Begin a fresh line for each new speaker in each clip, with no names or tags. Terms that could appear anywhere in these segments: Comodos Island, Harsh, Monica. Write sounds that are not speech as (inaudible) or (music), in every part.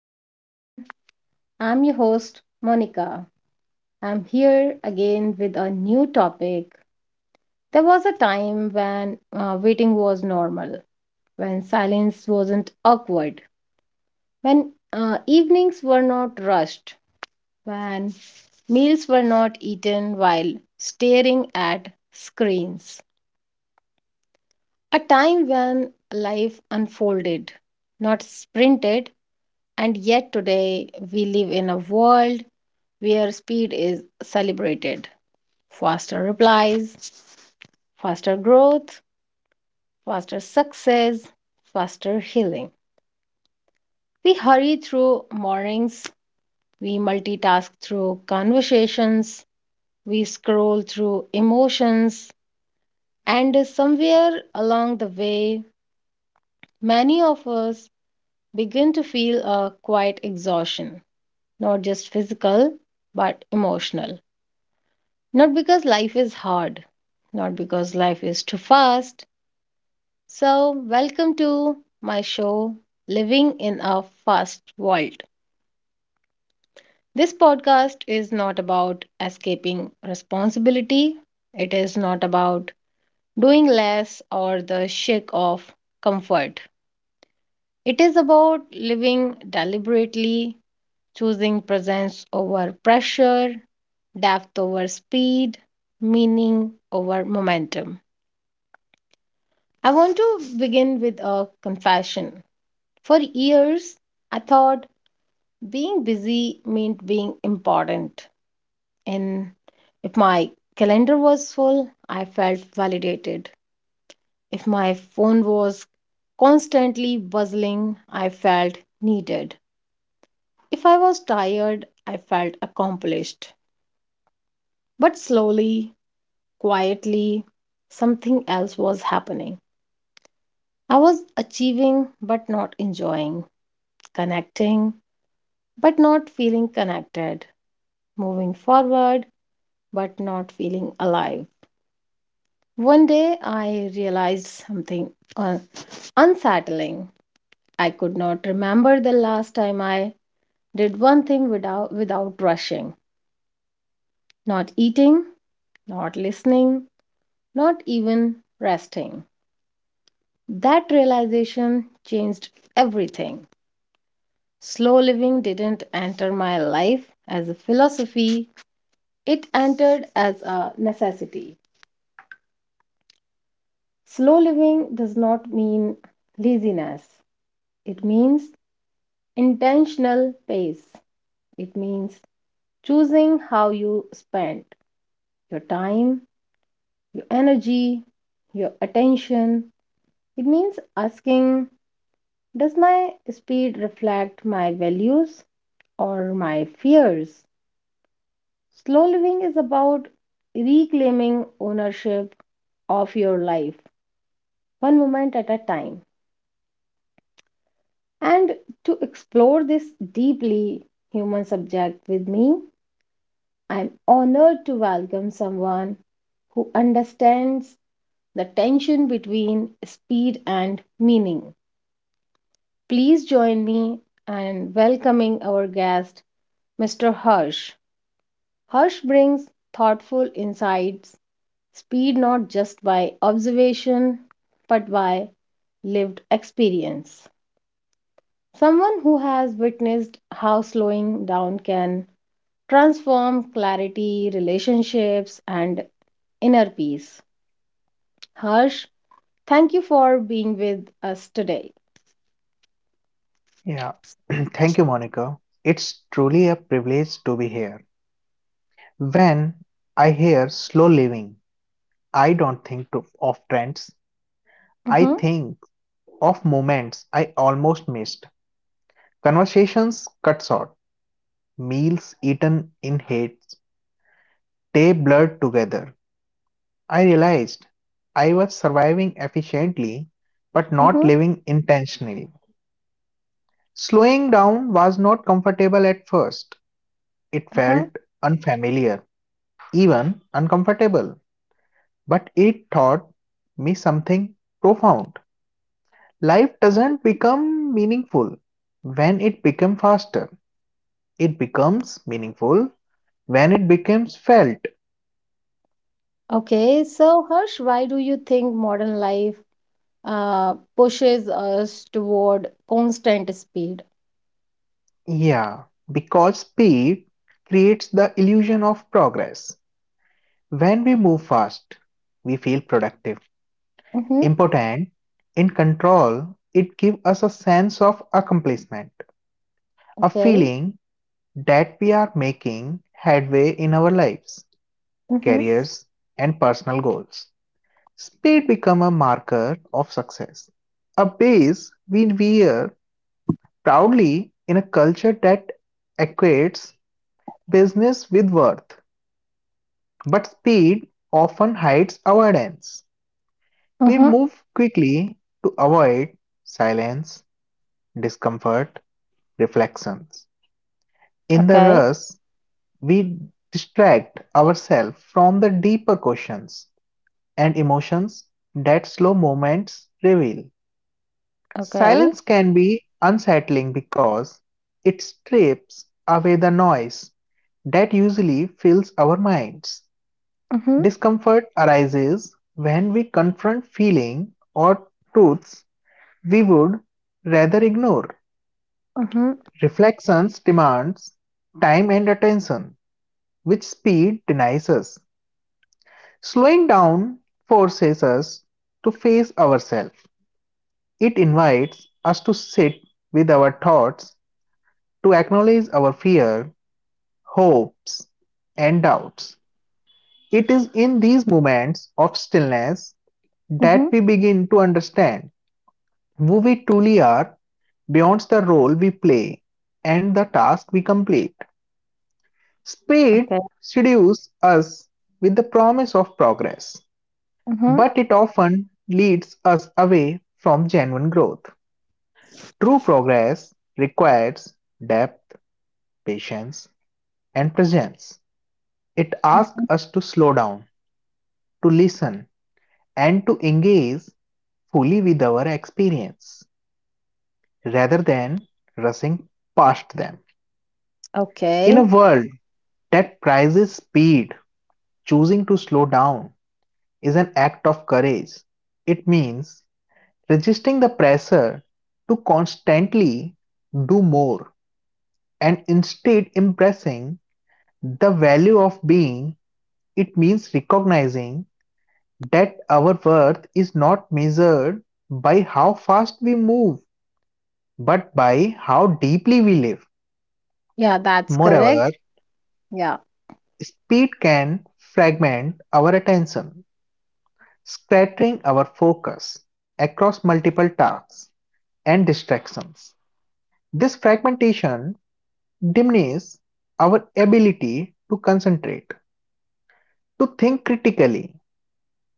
everyone. I'm your host, Monica. I'm here again with a new topic. There was a time when waiting was normal, when silence wasn't awkward, when evenings were not rushed, when meals were not eaten while staring at screens. A time when life unfolded, not sprinted, and yet today we live in a world where speed is celebrated. Faster replies, faster growth, faster success, faster healing. We hurry through mornings, we multitask through conversations, we scroll through emotions, and somewhere along the way, many of us begin to feel a quiet exhaustion, not just physical, but emotional. Not because life is hard, not because life is too fast. So, welcome to my show, Living in a Fast World. This podcast is not about escaping responsibility, it is not about doing less or the chic of comfort. It is about living deliberately, choosing presence over pressure, depth over speed, meaning over momentum. I want to begin with a confession. For years, I thought being busy meant being important, and if my calendar was full, I felt validated. If my phone was constantly buzzing, I felt needed. If I was tired, I felt accomplished. But slowly, quietly, something else was happening. I was achieving but not enjoying, connecting but not feeling connected, moving forward but not feeling alive. One day I realized something un- unsettling. I could not remember the last time I did one thing without rushing. Not eating, not listening, not even resting. That realization changed everything. Slow living didn't enter my life as a philosophy, it entered as a necessity. Slow living does not mean laziness, it means intentional pace. It means choosing how you spend your time, your energy, your attention. It means asking, does my speed reflect my values or my fears? Slow living is about reclaiming ownership of your life, one moment at a time. And to explore this deeply human subject with me, I'm honored to welcome someone who understands the tension between speed and meaning. Please join me in welcoming our guest, Mr. Harsh. Harsh brings thoughtful insights, speed not just by observation, but by lived experience. Someone who has witnessed how slowing down can transform clarity, relationships, and inner peace. Harsh, thank you for being with us today.
Yeah. (clears throat) Thank you, Monica. It's truly a privilege to be here. When I hear slow living, I don't think of trends. I
Mm-hmm,
think of moments I almost missed. Conversations cut short, meals eaten in haste, day blurred together. I realized I was surviving efficiently but not
mm-hmm,
living intentionally. Slowing down was not comfortable at first. It
uh-huh.
felt unfamiliar even uncomfortable. But it taught me something profound. Life doesn't become meaningful when it becomes faster. It becomes meaningful when it becomes felt.
Okay, so Harsh, why do you think modern life pushes us toward constant speed?
Yeah, because speed creates the illusion of progress. When we move fast, we feel productive,
Mm-hmm,
important, in control. It gives us a sense of accomplishment, a
okay,
feeling that we are making headway in our lives,
mm-hmm,
careers, and personal goals. Speed becomes a marker of success, a base we wear proudly in a culture that equates business with worth. But speed often hides avoidance. We
mm-hmm,
move quickly to avoid silence, discomfort, reflections. In the
okay,
rush, we distract ourselves from the deeper questions and emotions that slow moments reveal.
okay,
Silence can be unsettling because it strips away the noise that usually fills our minds.
mm-hmm,
Discomfort arises when we confront feelings or truths we would rather ignore.
mm-hmm,
Reflections demands time and attention, which speed denies us. Slowing down forces us to face ourselves. It invites us to sit with our thoughts, to acknowledge our fear, hopes, and doubts. It is in these moments of stillness
mm-hmm,
that we begin to understand who we truly are beyond the role we play and the task we complete. Speed
okay,
seduces us with the promise of progress,
mm-hmm,
but it often leads us away from genuine growth. True progress requires depth, patience, and presence. It asks
mm-hmm,
us to slow down, to listen, and to engage fully with our experience rather than rushing past them. In
okay.
a world that prizes speed, choosing to slow down is an act of courage. It means resisting the pressure to constantly do more and instead embracing the value of being. It means recognizing that our worth is not measured by how fast we move, but by how deeply we live.
Yeah, that's correct.
Moreover,
Yeah,
speed can fragment our attention, scattering our focus across multiple tasks and distractions. This fragmentation diminish our ability to concentrate, to think critically,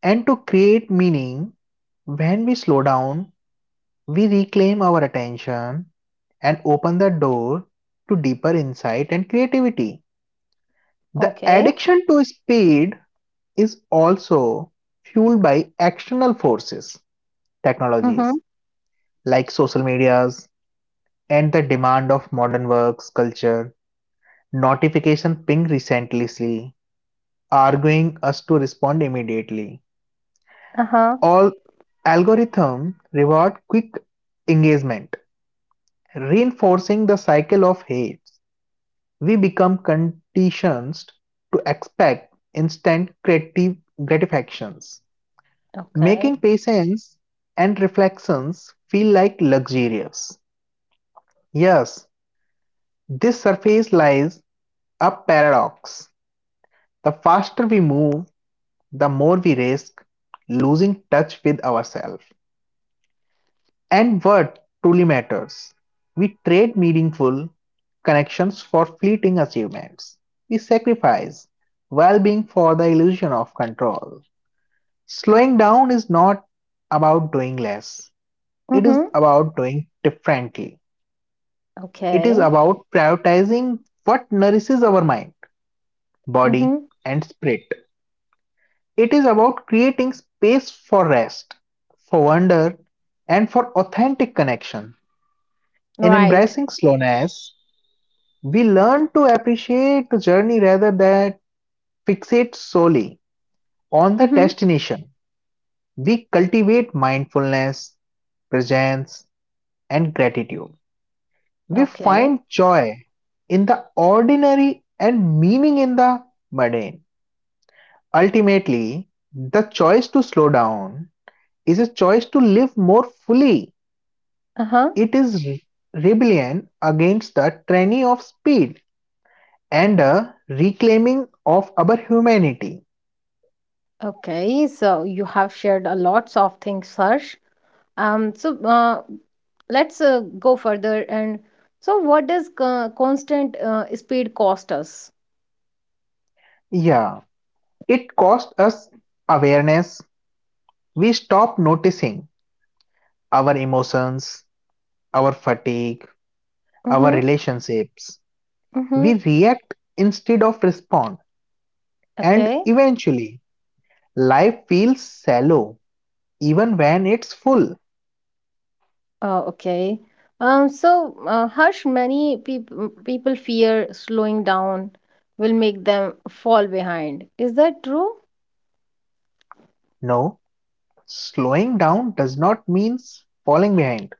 and to create meaning. When we slow down, we reclaim our attention and open the door to deeper insight and creativity. The
okay,
addiction to speed is also fueled by external forces,
mm-hmm,
technologies like social medias and the demand of modern works culture. Notification ping recently arguing us to respond immediately.
uh-huh,
All algorithm reward quick engagement, reinforcing the cycle of hate. We become conditioned to expect instant creative gratifications,
okay,
making patience and reflections feel like luxurious. Yes, this surface lies a paradox. The faster we move, the more we risk losing touch with ourselves and what truly matters. We trade meaningful connections for fleeting achievements. We sacrifice well being for the illusion of control. Slowing down is not about doing less, it
mm-hmm,
is about doing differently. It is
okay,
about prioritizing what nourishes our mind,
mm-hmm,
body, and spirit. It is about creating space for rest, for wonder, and for authentic connection. In
right,
embracing slowness, we learn to appreciate the journey rather than fixate solely on the
mm-hmm,
destination. We cultivate mindfulness, presence, and gratitude. We
okay.
find joy in the ordinary and meaning in the mundane. Ultimately, the choice to slow down is a choice to live more fully.
Uh-huh.
It is rebellion against the tyranny of speed and a reclaiming of our humanity.
Okay. So you have shared a lots of things, Harsh. Um, so uh, let's go further. And so what does constant speed cost us?
Yeah. It costs us awareness. We stop noticing our emotions, our fatigue, our
Mm-hmm.
relationships.
Mm-hmm.
We react instead of respond. And
Okay.
eventually, life feels shallow even when it's full.
Okay. Harsh, many people fear slowing down will make them fall behind. Is that true?
No, slowing down does not mean falling behind.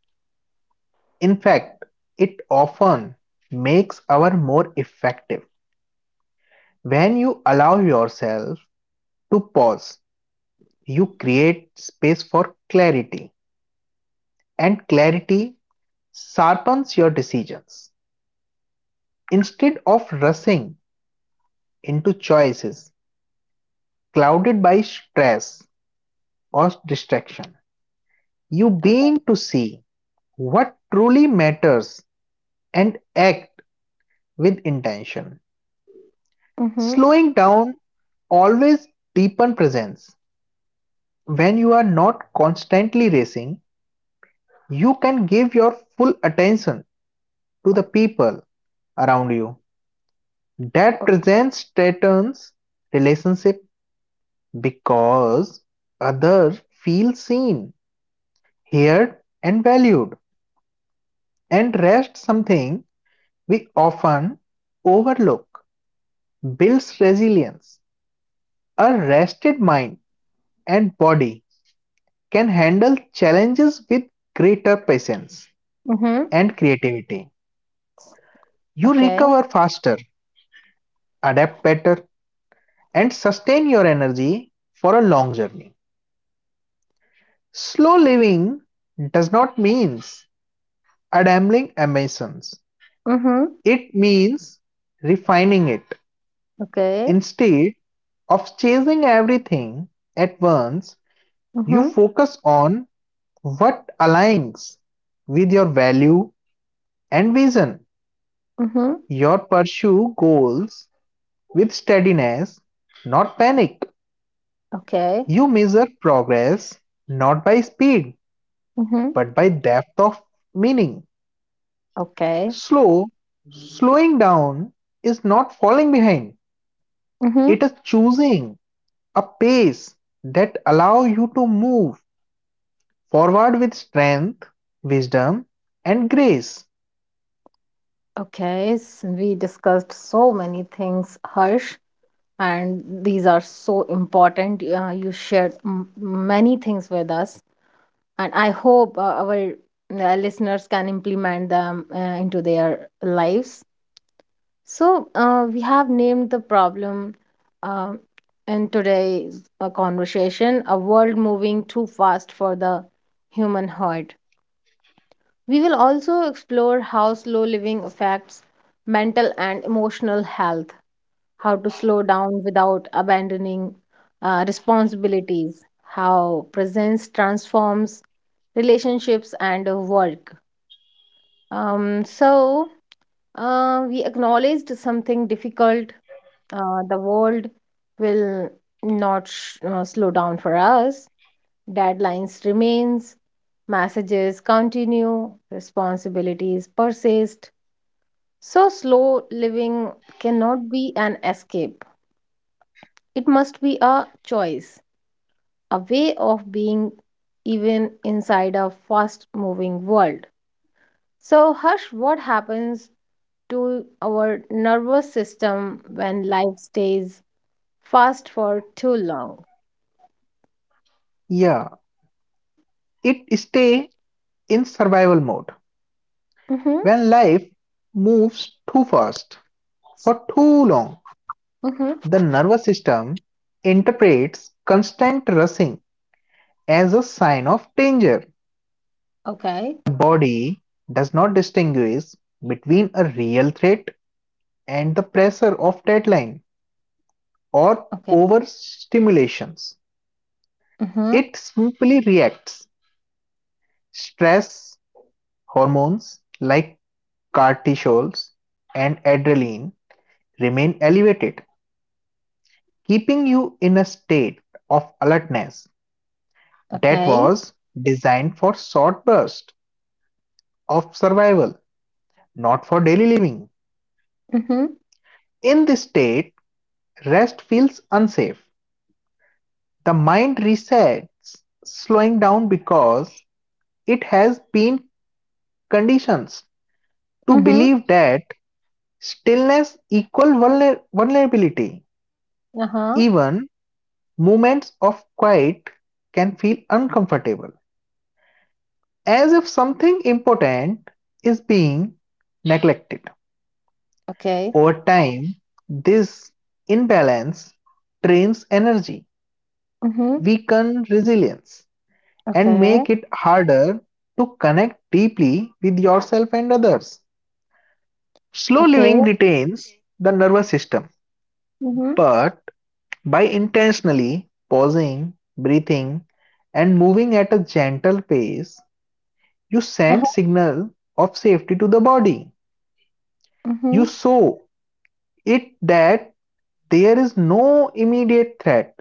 In fact, it often makes our more effective. When you allow yourself to pause, you create space for clarity, and clarity sharpens your decisions. Instead of rushing into choices clouded by stress or distraction, you
Okay.
begin to see what truly matters and act with intention.
Mm-hmm.
Slowing down always deepens presence. When you are not constantly racing, you can give your full attention to the people around you. That presence strengthens relationship because others feel seen, heard, and valued. And rest, something we often overlook, builds resilience. A rested mind and body can handle challenges with greater patience
Mm-hmm.
and creativity. You
Okay.
recover faster, adapt better, and sustain your energy for a long journey. Slow living does not mean a ambling emissions.
Mm-hmm.
It means refining it.
Okay.
Instead of chasing everything at once, you
Mm-hmm.
focus on what aligns with your value and vision.
Mm-hmm.
Your pursue goals with steadiness, not panic.
Okay.
You measure progress not by speed,
Mm-hmm.
but by depth of meaning.
Okay.
Slow, slowing down is not falling behind,
Mm-hmm.
it is choosing a pace that allow you to move forward with strength, wisdom, and grace.
We discussed so many things, Harsh, and these are so important. You shared many things with us, and I hope our listeners can implement them into their lives. We have named the problem um in today's conversation, a world moving too fast for the human heart. We will also explore how slow living affects mental and emotional health, how to slow down without abandoning responsibilities, how presence transforms relationships and work. Um, so, we acknowledged something difficult. The world will not slow down for us. Deadlines remains, messages continue, responsibilities persist. So, slow living cannot be an escape. It must be a choice, a way of being even inside a fast moving world. So, Harsh, what happens to our nervous system when life stays fast for too long?
Yeah, it stay in survival mode.
Mm-hmm,
When life moves too fast for too long,
mm-hmm.
the nervous system interprets constant rushing as a sign of danger.
Okay,
The body does not distinguish between a real threat and the pressure of deadline or
okay.
overstimulations.
Mm-hmm,
It simply reacts stress hormones like cortisols and adrenaline remain elevated, keeping you in a state of alertness that
okay.
was designed for short bursts of survival, not for daily living.
Mm-hmm,
In this state, rest feels unsafe. The mind resets, slowing down because it has been conditioned to
mm-hmm.
believe that stillness equal vulnerability.
Uh-huh.
Even moments of quiet can feel uncomfortable, as if something important is being neglected.
Okay.
Over time, this imbalance drains energy,
Mm-hmm,
weakens resilience, and
okay.
make it harder to connect deeply with yourself and others. Slow
Okay.
living retains the nervous system,
Mm-hmm,
but by intentionally pausing, breathing, and moving at a gentle pace, you send
uh-huh.
signal of safety to the body.
Mm-hmm,
You show it that there is no immediate threat,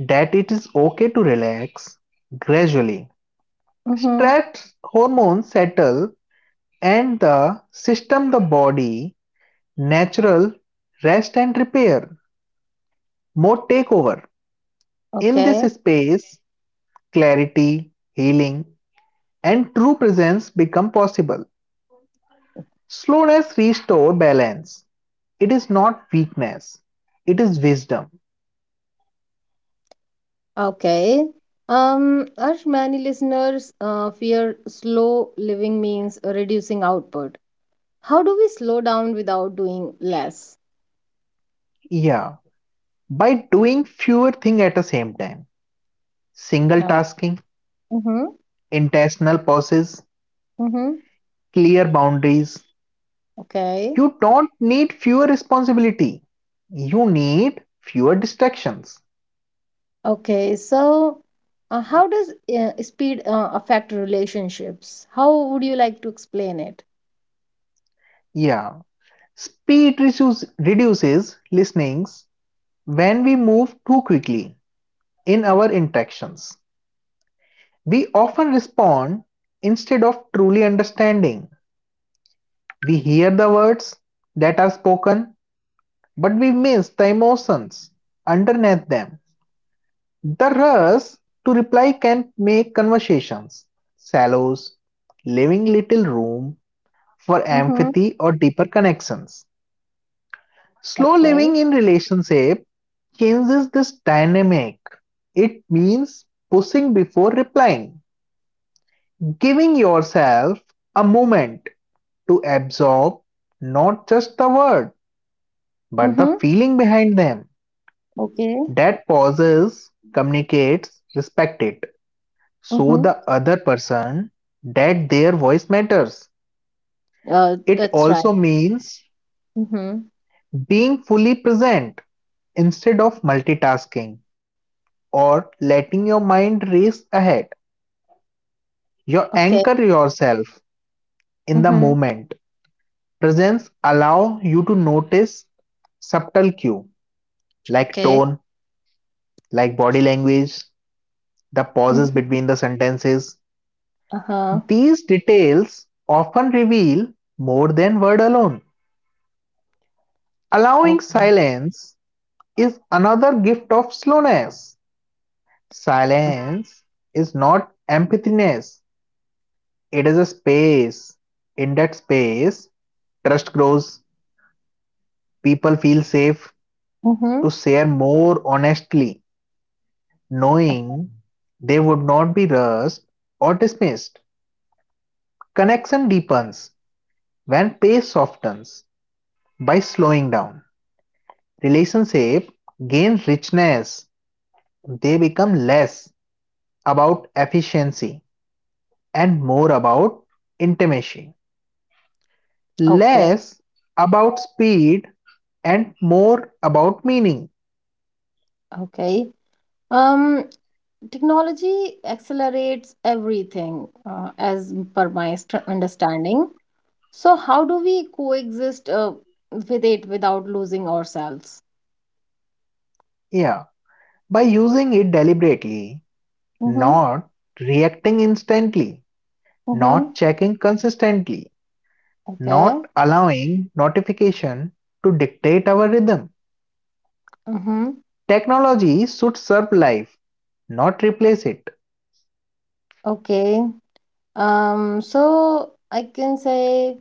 that it is okay to relax gradually.
mm-hmm.
Stress hormones settle and the system the body natural rest and repair mode take over. In this
Okay,
space, clarity, healing, and true presence become possible. Slowness restore balance. It is not weakness. It is wisdom.
okay. As many listeners fear slow living means reducing output. How do we slow down without doing less?
Yeah. By doing fewer things at the same time. Single
Uh,
tasking,
mm-hmm,
intentional pauses,
mm-hmm.
clear boundaries.
Okay,
You don't need fewer responsibility. You need fewer distractions.
okay. So, how does speed affect relationships? How would you like to explain it?
Yeah. Speed reduces listenings when we move too quickly in our interactions. We often respond instead of truly understanding. We hear the words that are spoken, but we miss the emotions underneath them. The rush to reply can make conversations shallow, leaving little room for
Mm-hmm.
empathy or deeper connections. Slow
Okay.
living in relationship changes this dynamic. It means pushing before replying, giving yourself a moment to absorb not just the word, but the
Mm-hmm.
feeling behind them.
Okay.
That pauses, communicates, respect it. So
Mm-hmm.
the other person that their voice matters. It
That's right.
also means
Mm-hmm.
being fully present instead of multitasking or letting your mind race ahead. You
Okay.
anchor yourself in the
Mm-hmm.
moment. Presence allows you to notice subtle cue like
Okay.
tone, like body language, the pauses
Mm-hmm.
between the sentences.
Uh-huh.
These details often reveal more than word alone. Allowing
Okay.
silence is another gift of slowness. Silence is not emptiness, it is a space. In that space, trust grows, people feel safe
Mm-hmm.
to share more honestly, knowing they would not be rushed or dismissed. Connection deepens when pace softens. By slowing down, relationships gain richness. They become less about efficiency and more about intimacy,
Okay,
less about speed and more about meaning.
okay. Um, technology accelerates everything, as per my understanding. So, how do we coexist with it without losing ourselves?
Yeah, by using it deliberately,
Mm-hmm.
not reacting instantly,
Mm-hmm.
not checking consistently,
Okay.
not allowing notification to dictate our rhythm.
Mm-hmm.
Technology should serve life, not replace it.
Okay. I can say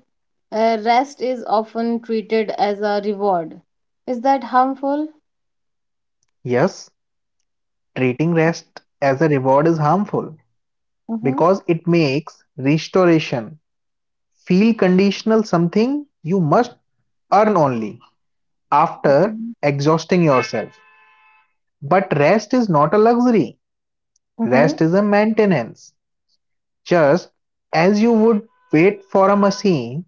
rest is often treated as a reward. Is that harmful?
Yes, treating
Uh,
rest as a reward is harmful
Mm-hmm.
because it makes restoration feel conditional something you must earn only
Okay.
after exhausting yourself. But rest is not a luxury,
Mm-hmm.
rest is a maintenance. Just as you would wait for a machine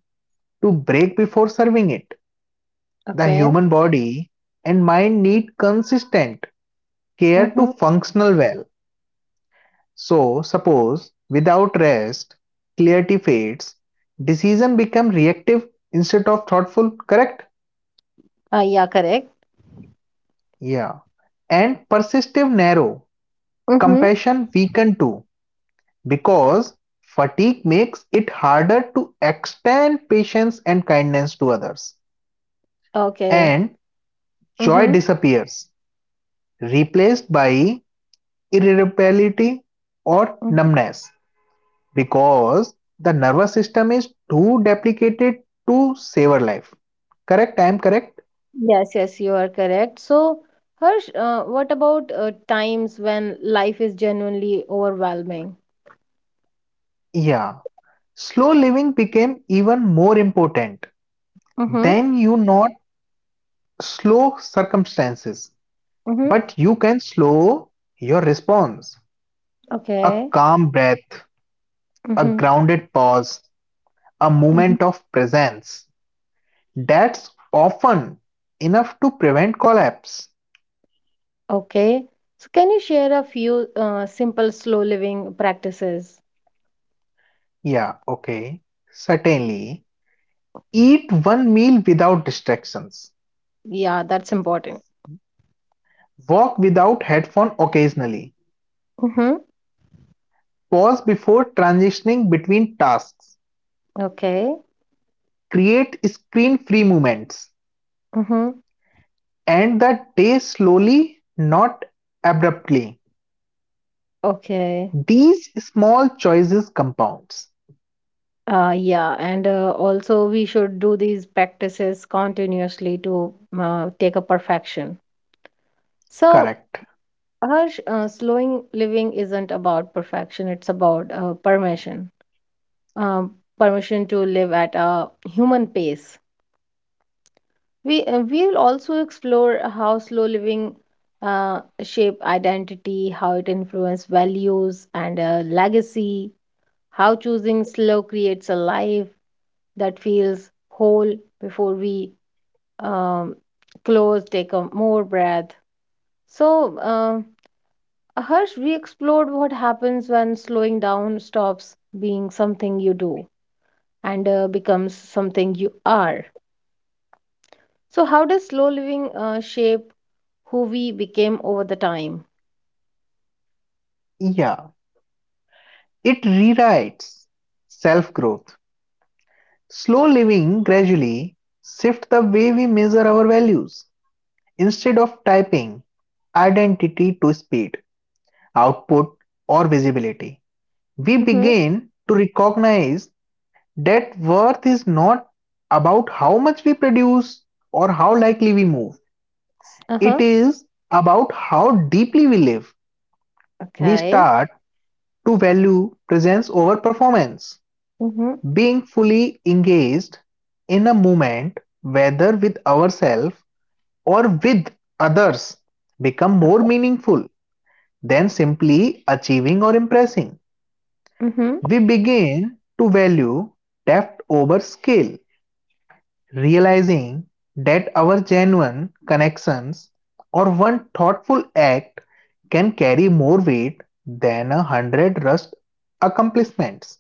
to break before serving it, the
Okay.
human body and mind need consistent care to
Mm-hmm.
functional well. So, suppose without rest, clarity fades, decision become reactive instead of thoughtful, correct?
Yeah, correct.
Yeah. And persistive narrow,
Mm-hmm.
compassion weaken too, because fatigue makes it harder to extend patience and kindness to others.
Okay.
And joy
Mm-hmm.
disappears, replaced by irritability or
Mhm.
numbness, because the nervous system is too deplicated to save our life. Correct? I am correct?
Yes, yes, you are correct. So, Harsh, what about times when life is genuinely overwhelming?
Yeah. Slow living became even more important.
Mm-hmm.
Then you not slow circumstances,
Mm-hmm.
but you can slow your response. A
Okay.
calm breath, a
Mm-hmm.
grounded pause, a
Mm-hmm.
moment of presence. That's often enough to prevent collapse.
Okay. So, can you share a few simple slow living practices?
Yeah, okay. Certainly. Eat one meal without distractions.
Yeah, that's important.
Walk without headphone occasionally.
Mm-hmm.
Pause before transitioning between tasks.
Okay.
Create screen-free moments.
Mm-hmm.
End the day slowly, not abruptly.
Okay.
These small choices compounds.
Yeah, and also we should do these practices continuously to take a perfection. So,
Correct.
Harsh, slowing living isn't about perfection, it's about permission. Um, Permission to live at a human pace. We we'll also explore how slow living shape identity, how it influences values and legacy, how choosing slow creates a life that feels whole before we um, close, take a more breath. So, Harsh, we explored what happens when slowing down stops being something you do and becomes something you are. So, how does slow living shape who we became over the time?
Yeah. It rewrites self-growth. Slow living gradually shifts the way we measure our values. Instead of typing identity to speed, output, or visibility. We
Mm-hmm.
begin to recognize that worth is not about how much we produce or how likely we move,
Uh
it
huh.
is about how deeply we live. We
Okay.
start to value presence over performance,
Mm-hmm.
being fully engaged in a moment, whether with ourselves or with others, become more meaningful than simply achieving or impressing.
Mm-hmm.
We begin to value depth over scale, realizing that our genuine connections or one thoughtful act can carry more weight than a hundred rushed accomplishments.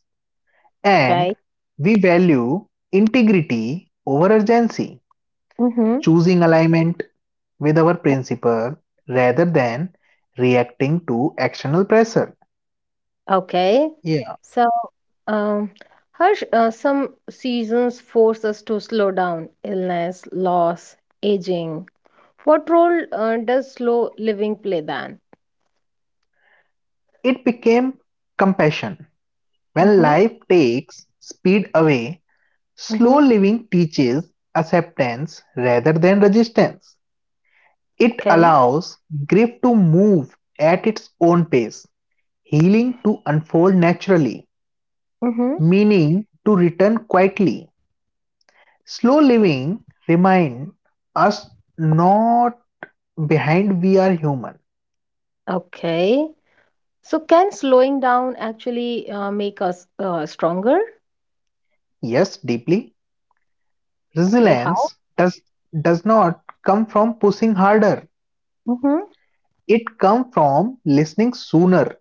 And
Okay.
we value integrity over urgency,
Mm-hmm.
choosing alignment with our principle rather than reacting to external pressure.
Okay.
Yeah.
So, um, Harsh, some seasons force us to slow down, illness, loss, aging. What role does slow living play then?
It became compassion. When
Mm-hmm.
life takes speed away, slow
Mm-hmm.
living teaches acceptance rather than resistance. It
Okay.
allows grief to move at its own pace, healing to unfold naturally,
Mm-hmm.
meaning to return quietly. Slow living reminds us not behind we are human.
Okay. So, can slowing down actually make us stronger?
Yes, deeply.
Okay. How?
Resilience does not come from pushing harder.
Mm-hmm.
It comes from listening sooner.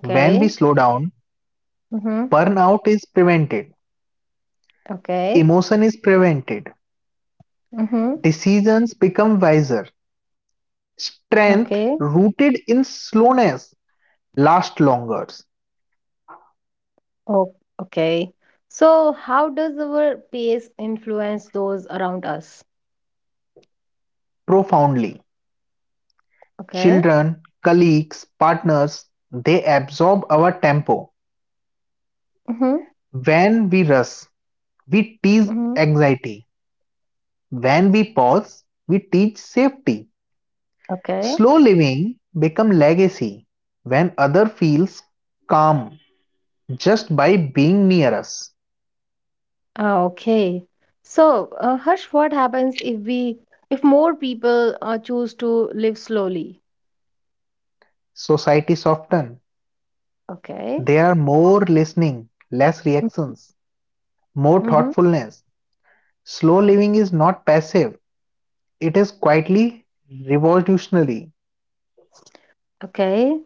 When we slow down,
Mm-hmm.
burnout is prevented,
Okay.
emotion is prevented,
Mm-hmm.
decisions become wiser,
Okay.
strength rooted in slowness lasts longer,
Oh, okay. So, how does our pace influence those around us?
profoundly.
Okay.
Children, colleagues, partners, they absorb our tempo.
Mm-hmm.
When we rush, we tease
Mm-hmm.
anxiety. When we pause, we teach safety.
Okay.
Slow living becomes legacy when other feels calm just by being near us,
Ah, okay. So, Harsh, what happens if more people choose to live slowly?
society soften.
Okay.
There are more listening, less reactions, more
Mm-hmm.
thoughtfulness. Slow living is not passive, it is quietly revolutionary.
Okay.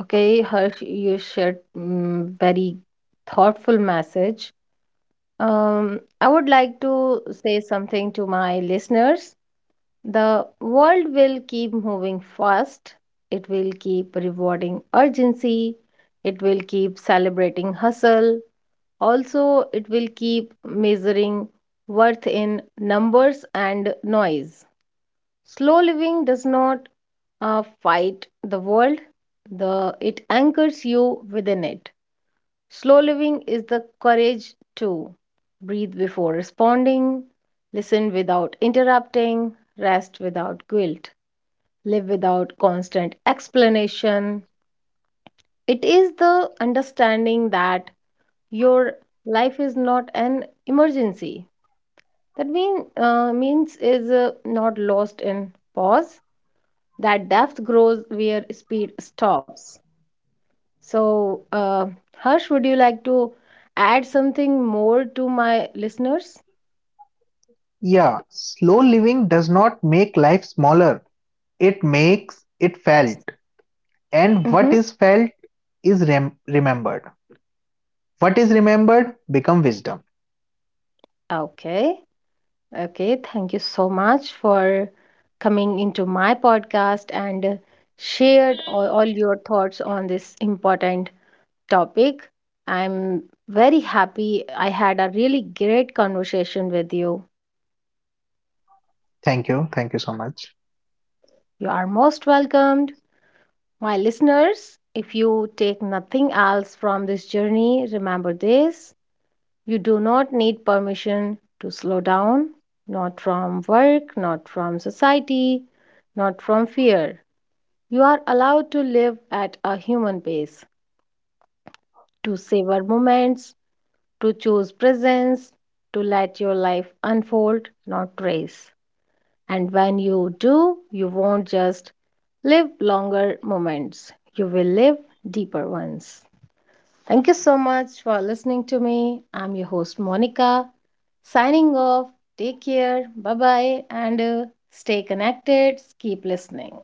Okay, Harsh, you shared very thoughtful message. I would like to say something to my listeners. The world will keep moving fast. It will keep rewarding urgency. It will keep celebrating hustle. Also, it will keep measuring worth in numbers and noise. Slow living does not fight the world, it anchors you within it. Slow living is the courage to breathe before responding, listen without interrupting, rest without guilt, live without constant explanation. It is the understanding that your life is not an emergency. That means is not lost in pause. That depth grows where speed stops. So, Harsh, would you like to add something more to my listeners?
Yeah, slow living does not make life smaller, it makes it felt. And what
Mm-hmm.
is felt is remembered. What is remembered become wisdom.
Okay. Okay. Thank you so much for coming into my podcast and shared all your thoughts on this important topic. I'm very happy, I had a really great conversation with you.
Thank you. Thank you so much.
You are most welcomed. My listeners, if you take nothing else from this journey, remember this, you do not need permission to slow down, not from work, not from society, not from fear. You are allowed to live at a human pace, to savor moments, to choose presence, to let your life unfold, not race. And when you do, you won't just live longer moments, you will live deeper ones. Thank you so much for listening to me. I'm your host, Monica, signing off. Take care. Bye bye. And stay connected. Keep listening.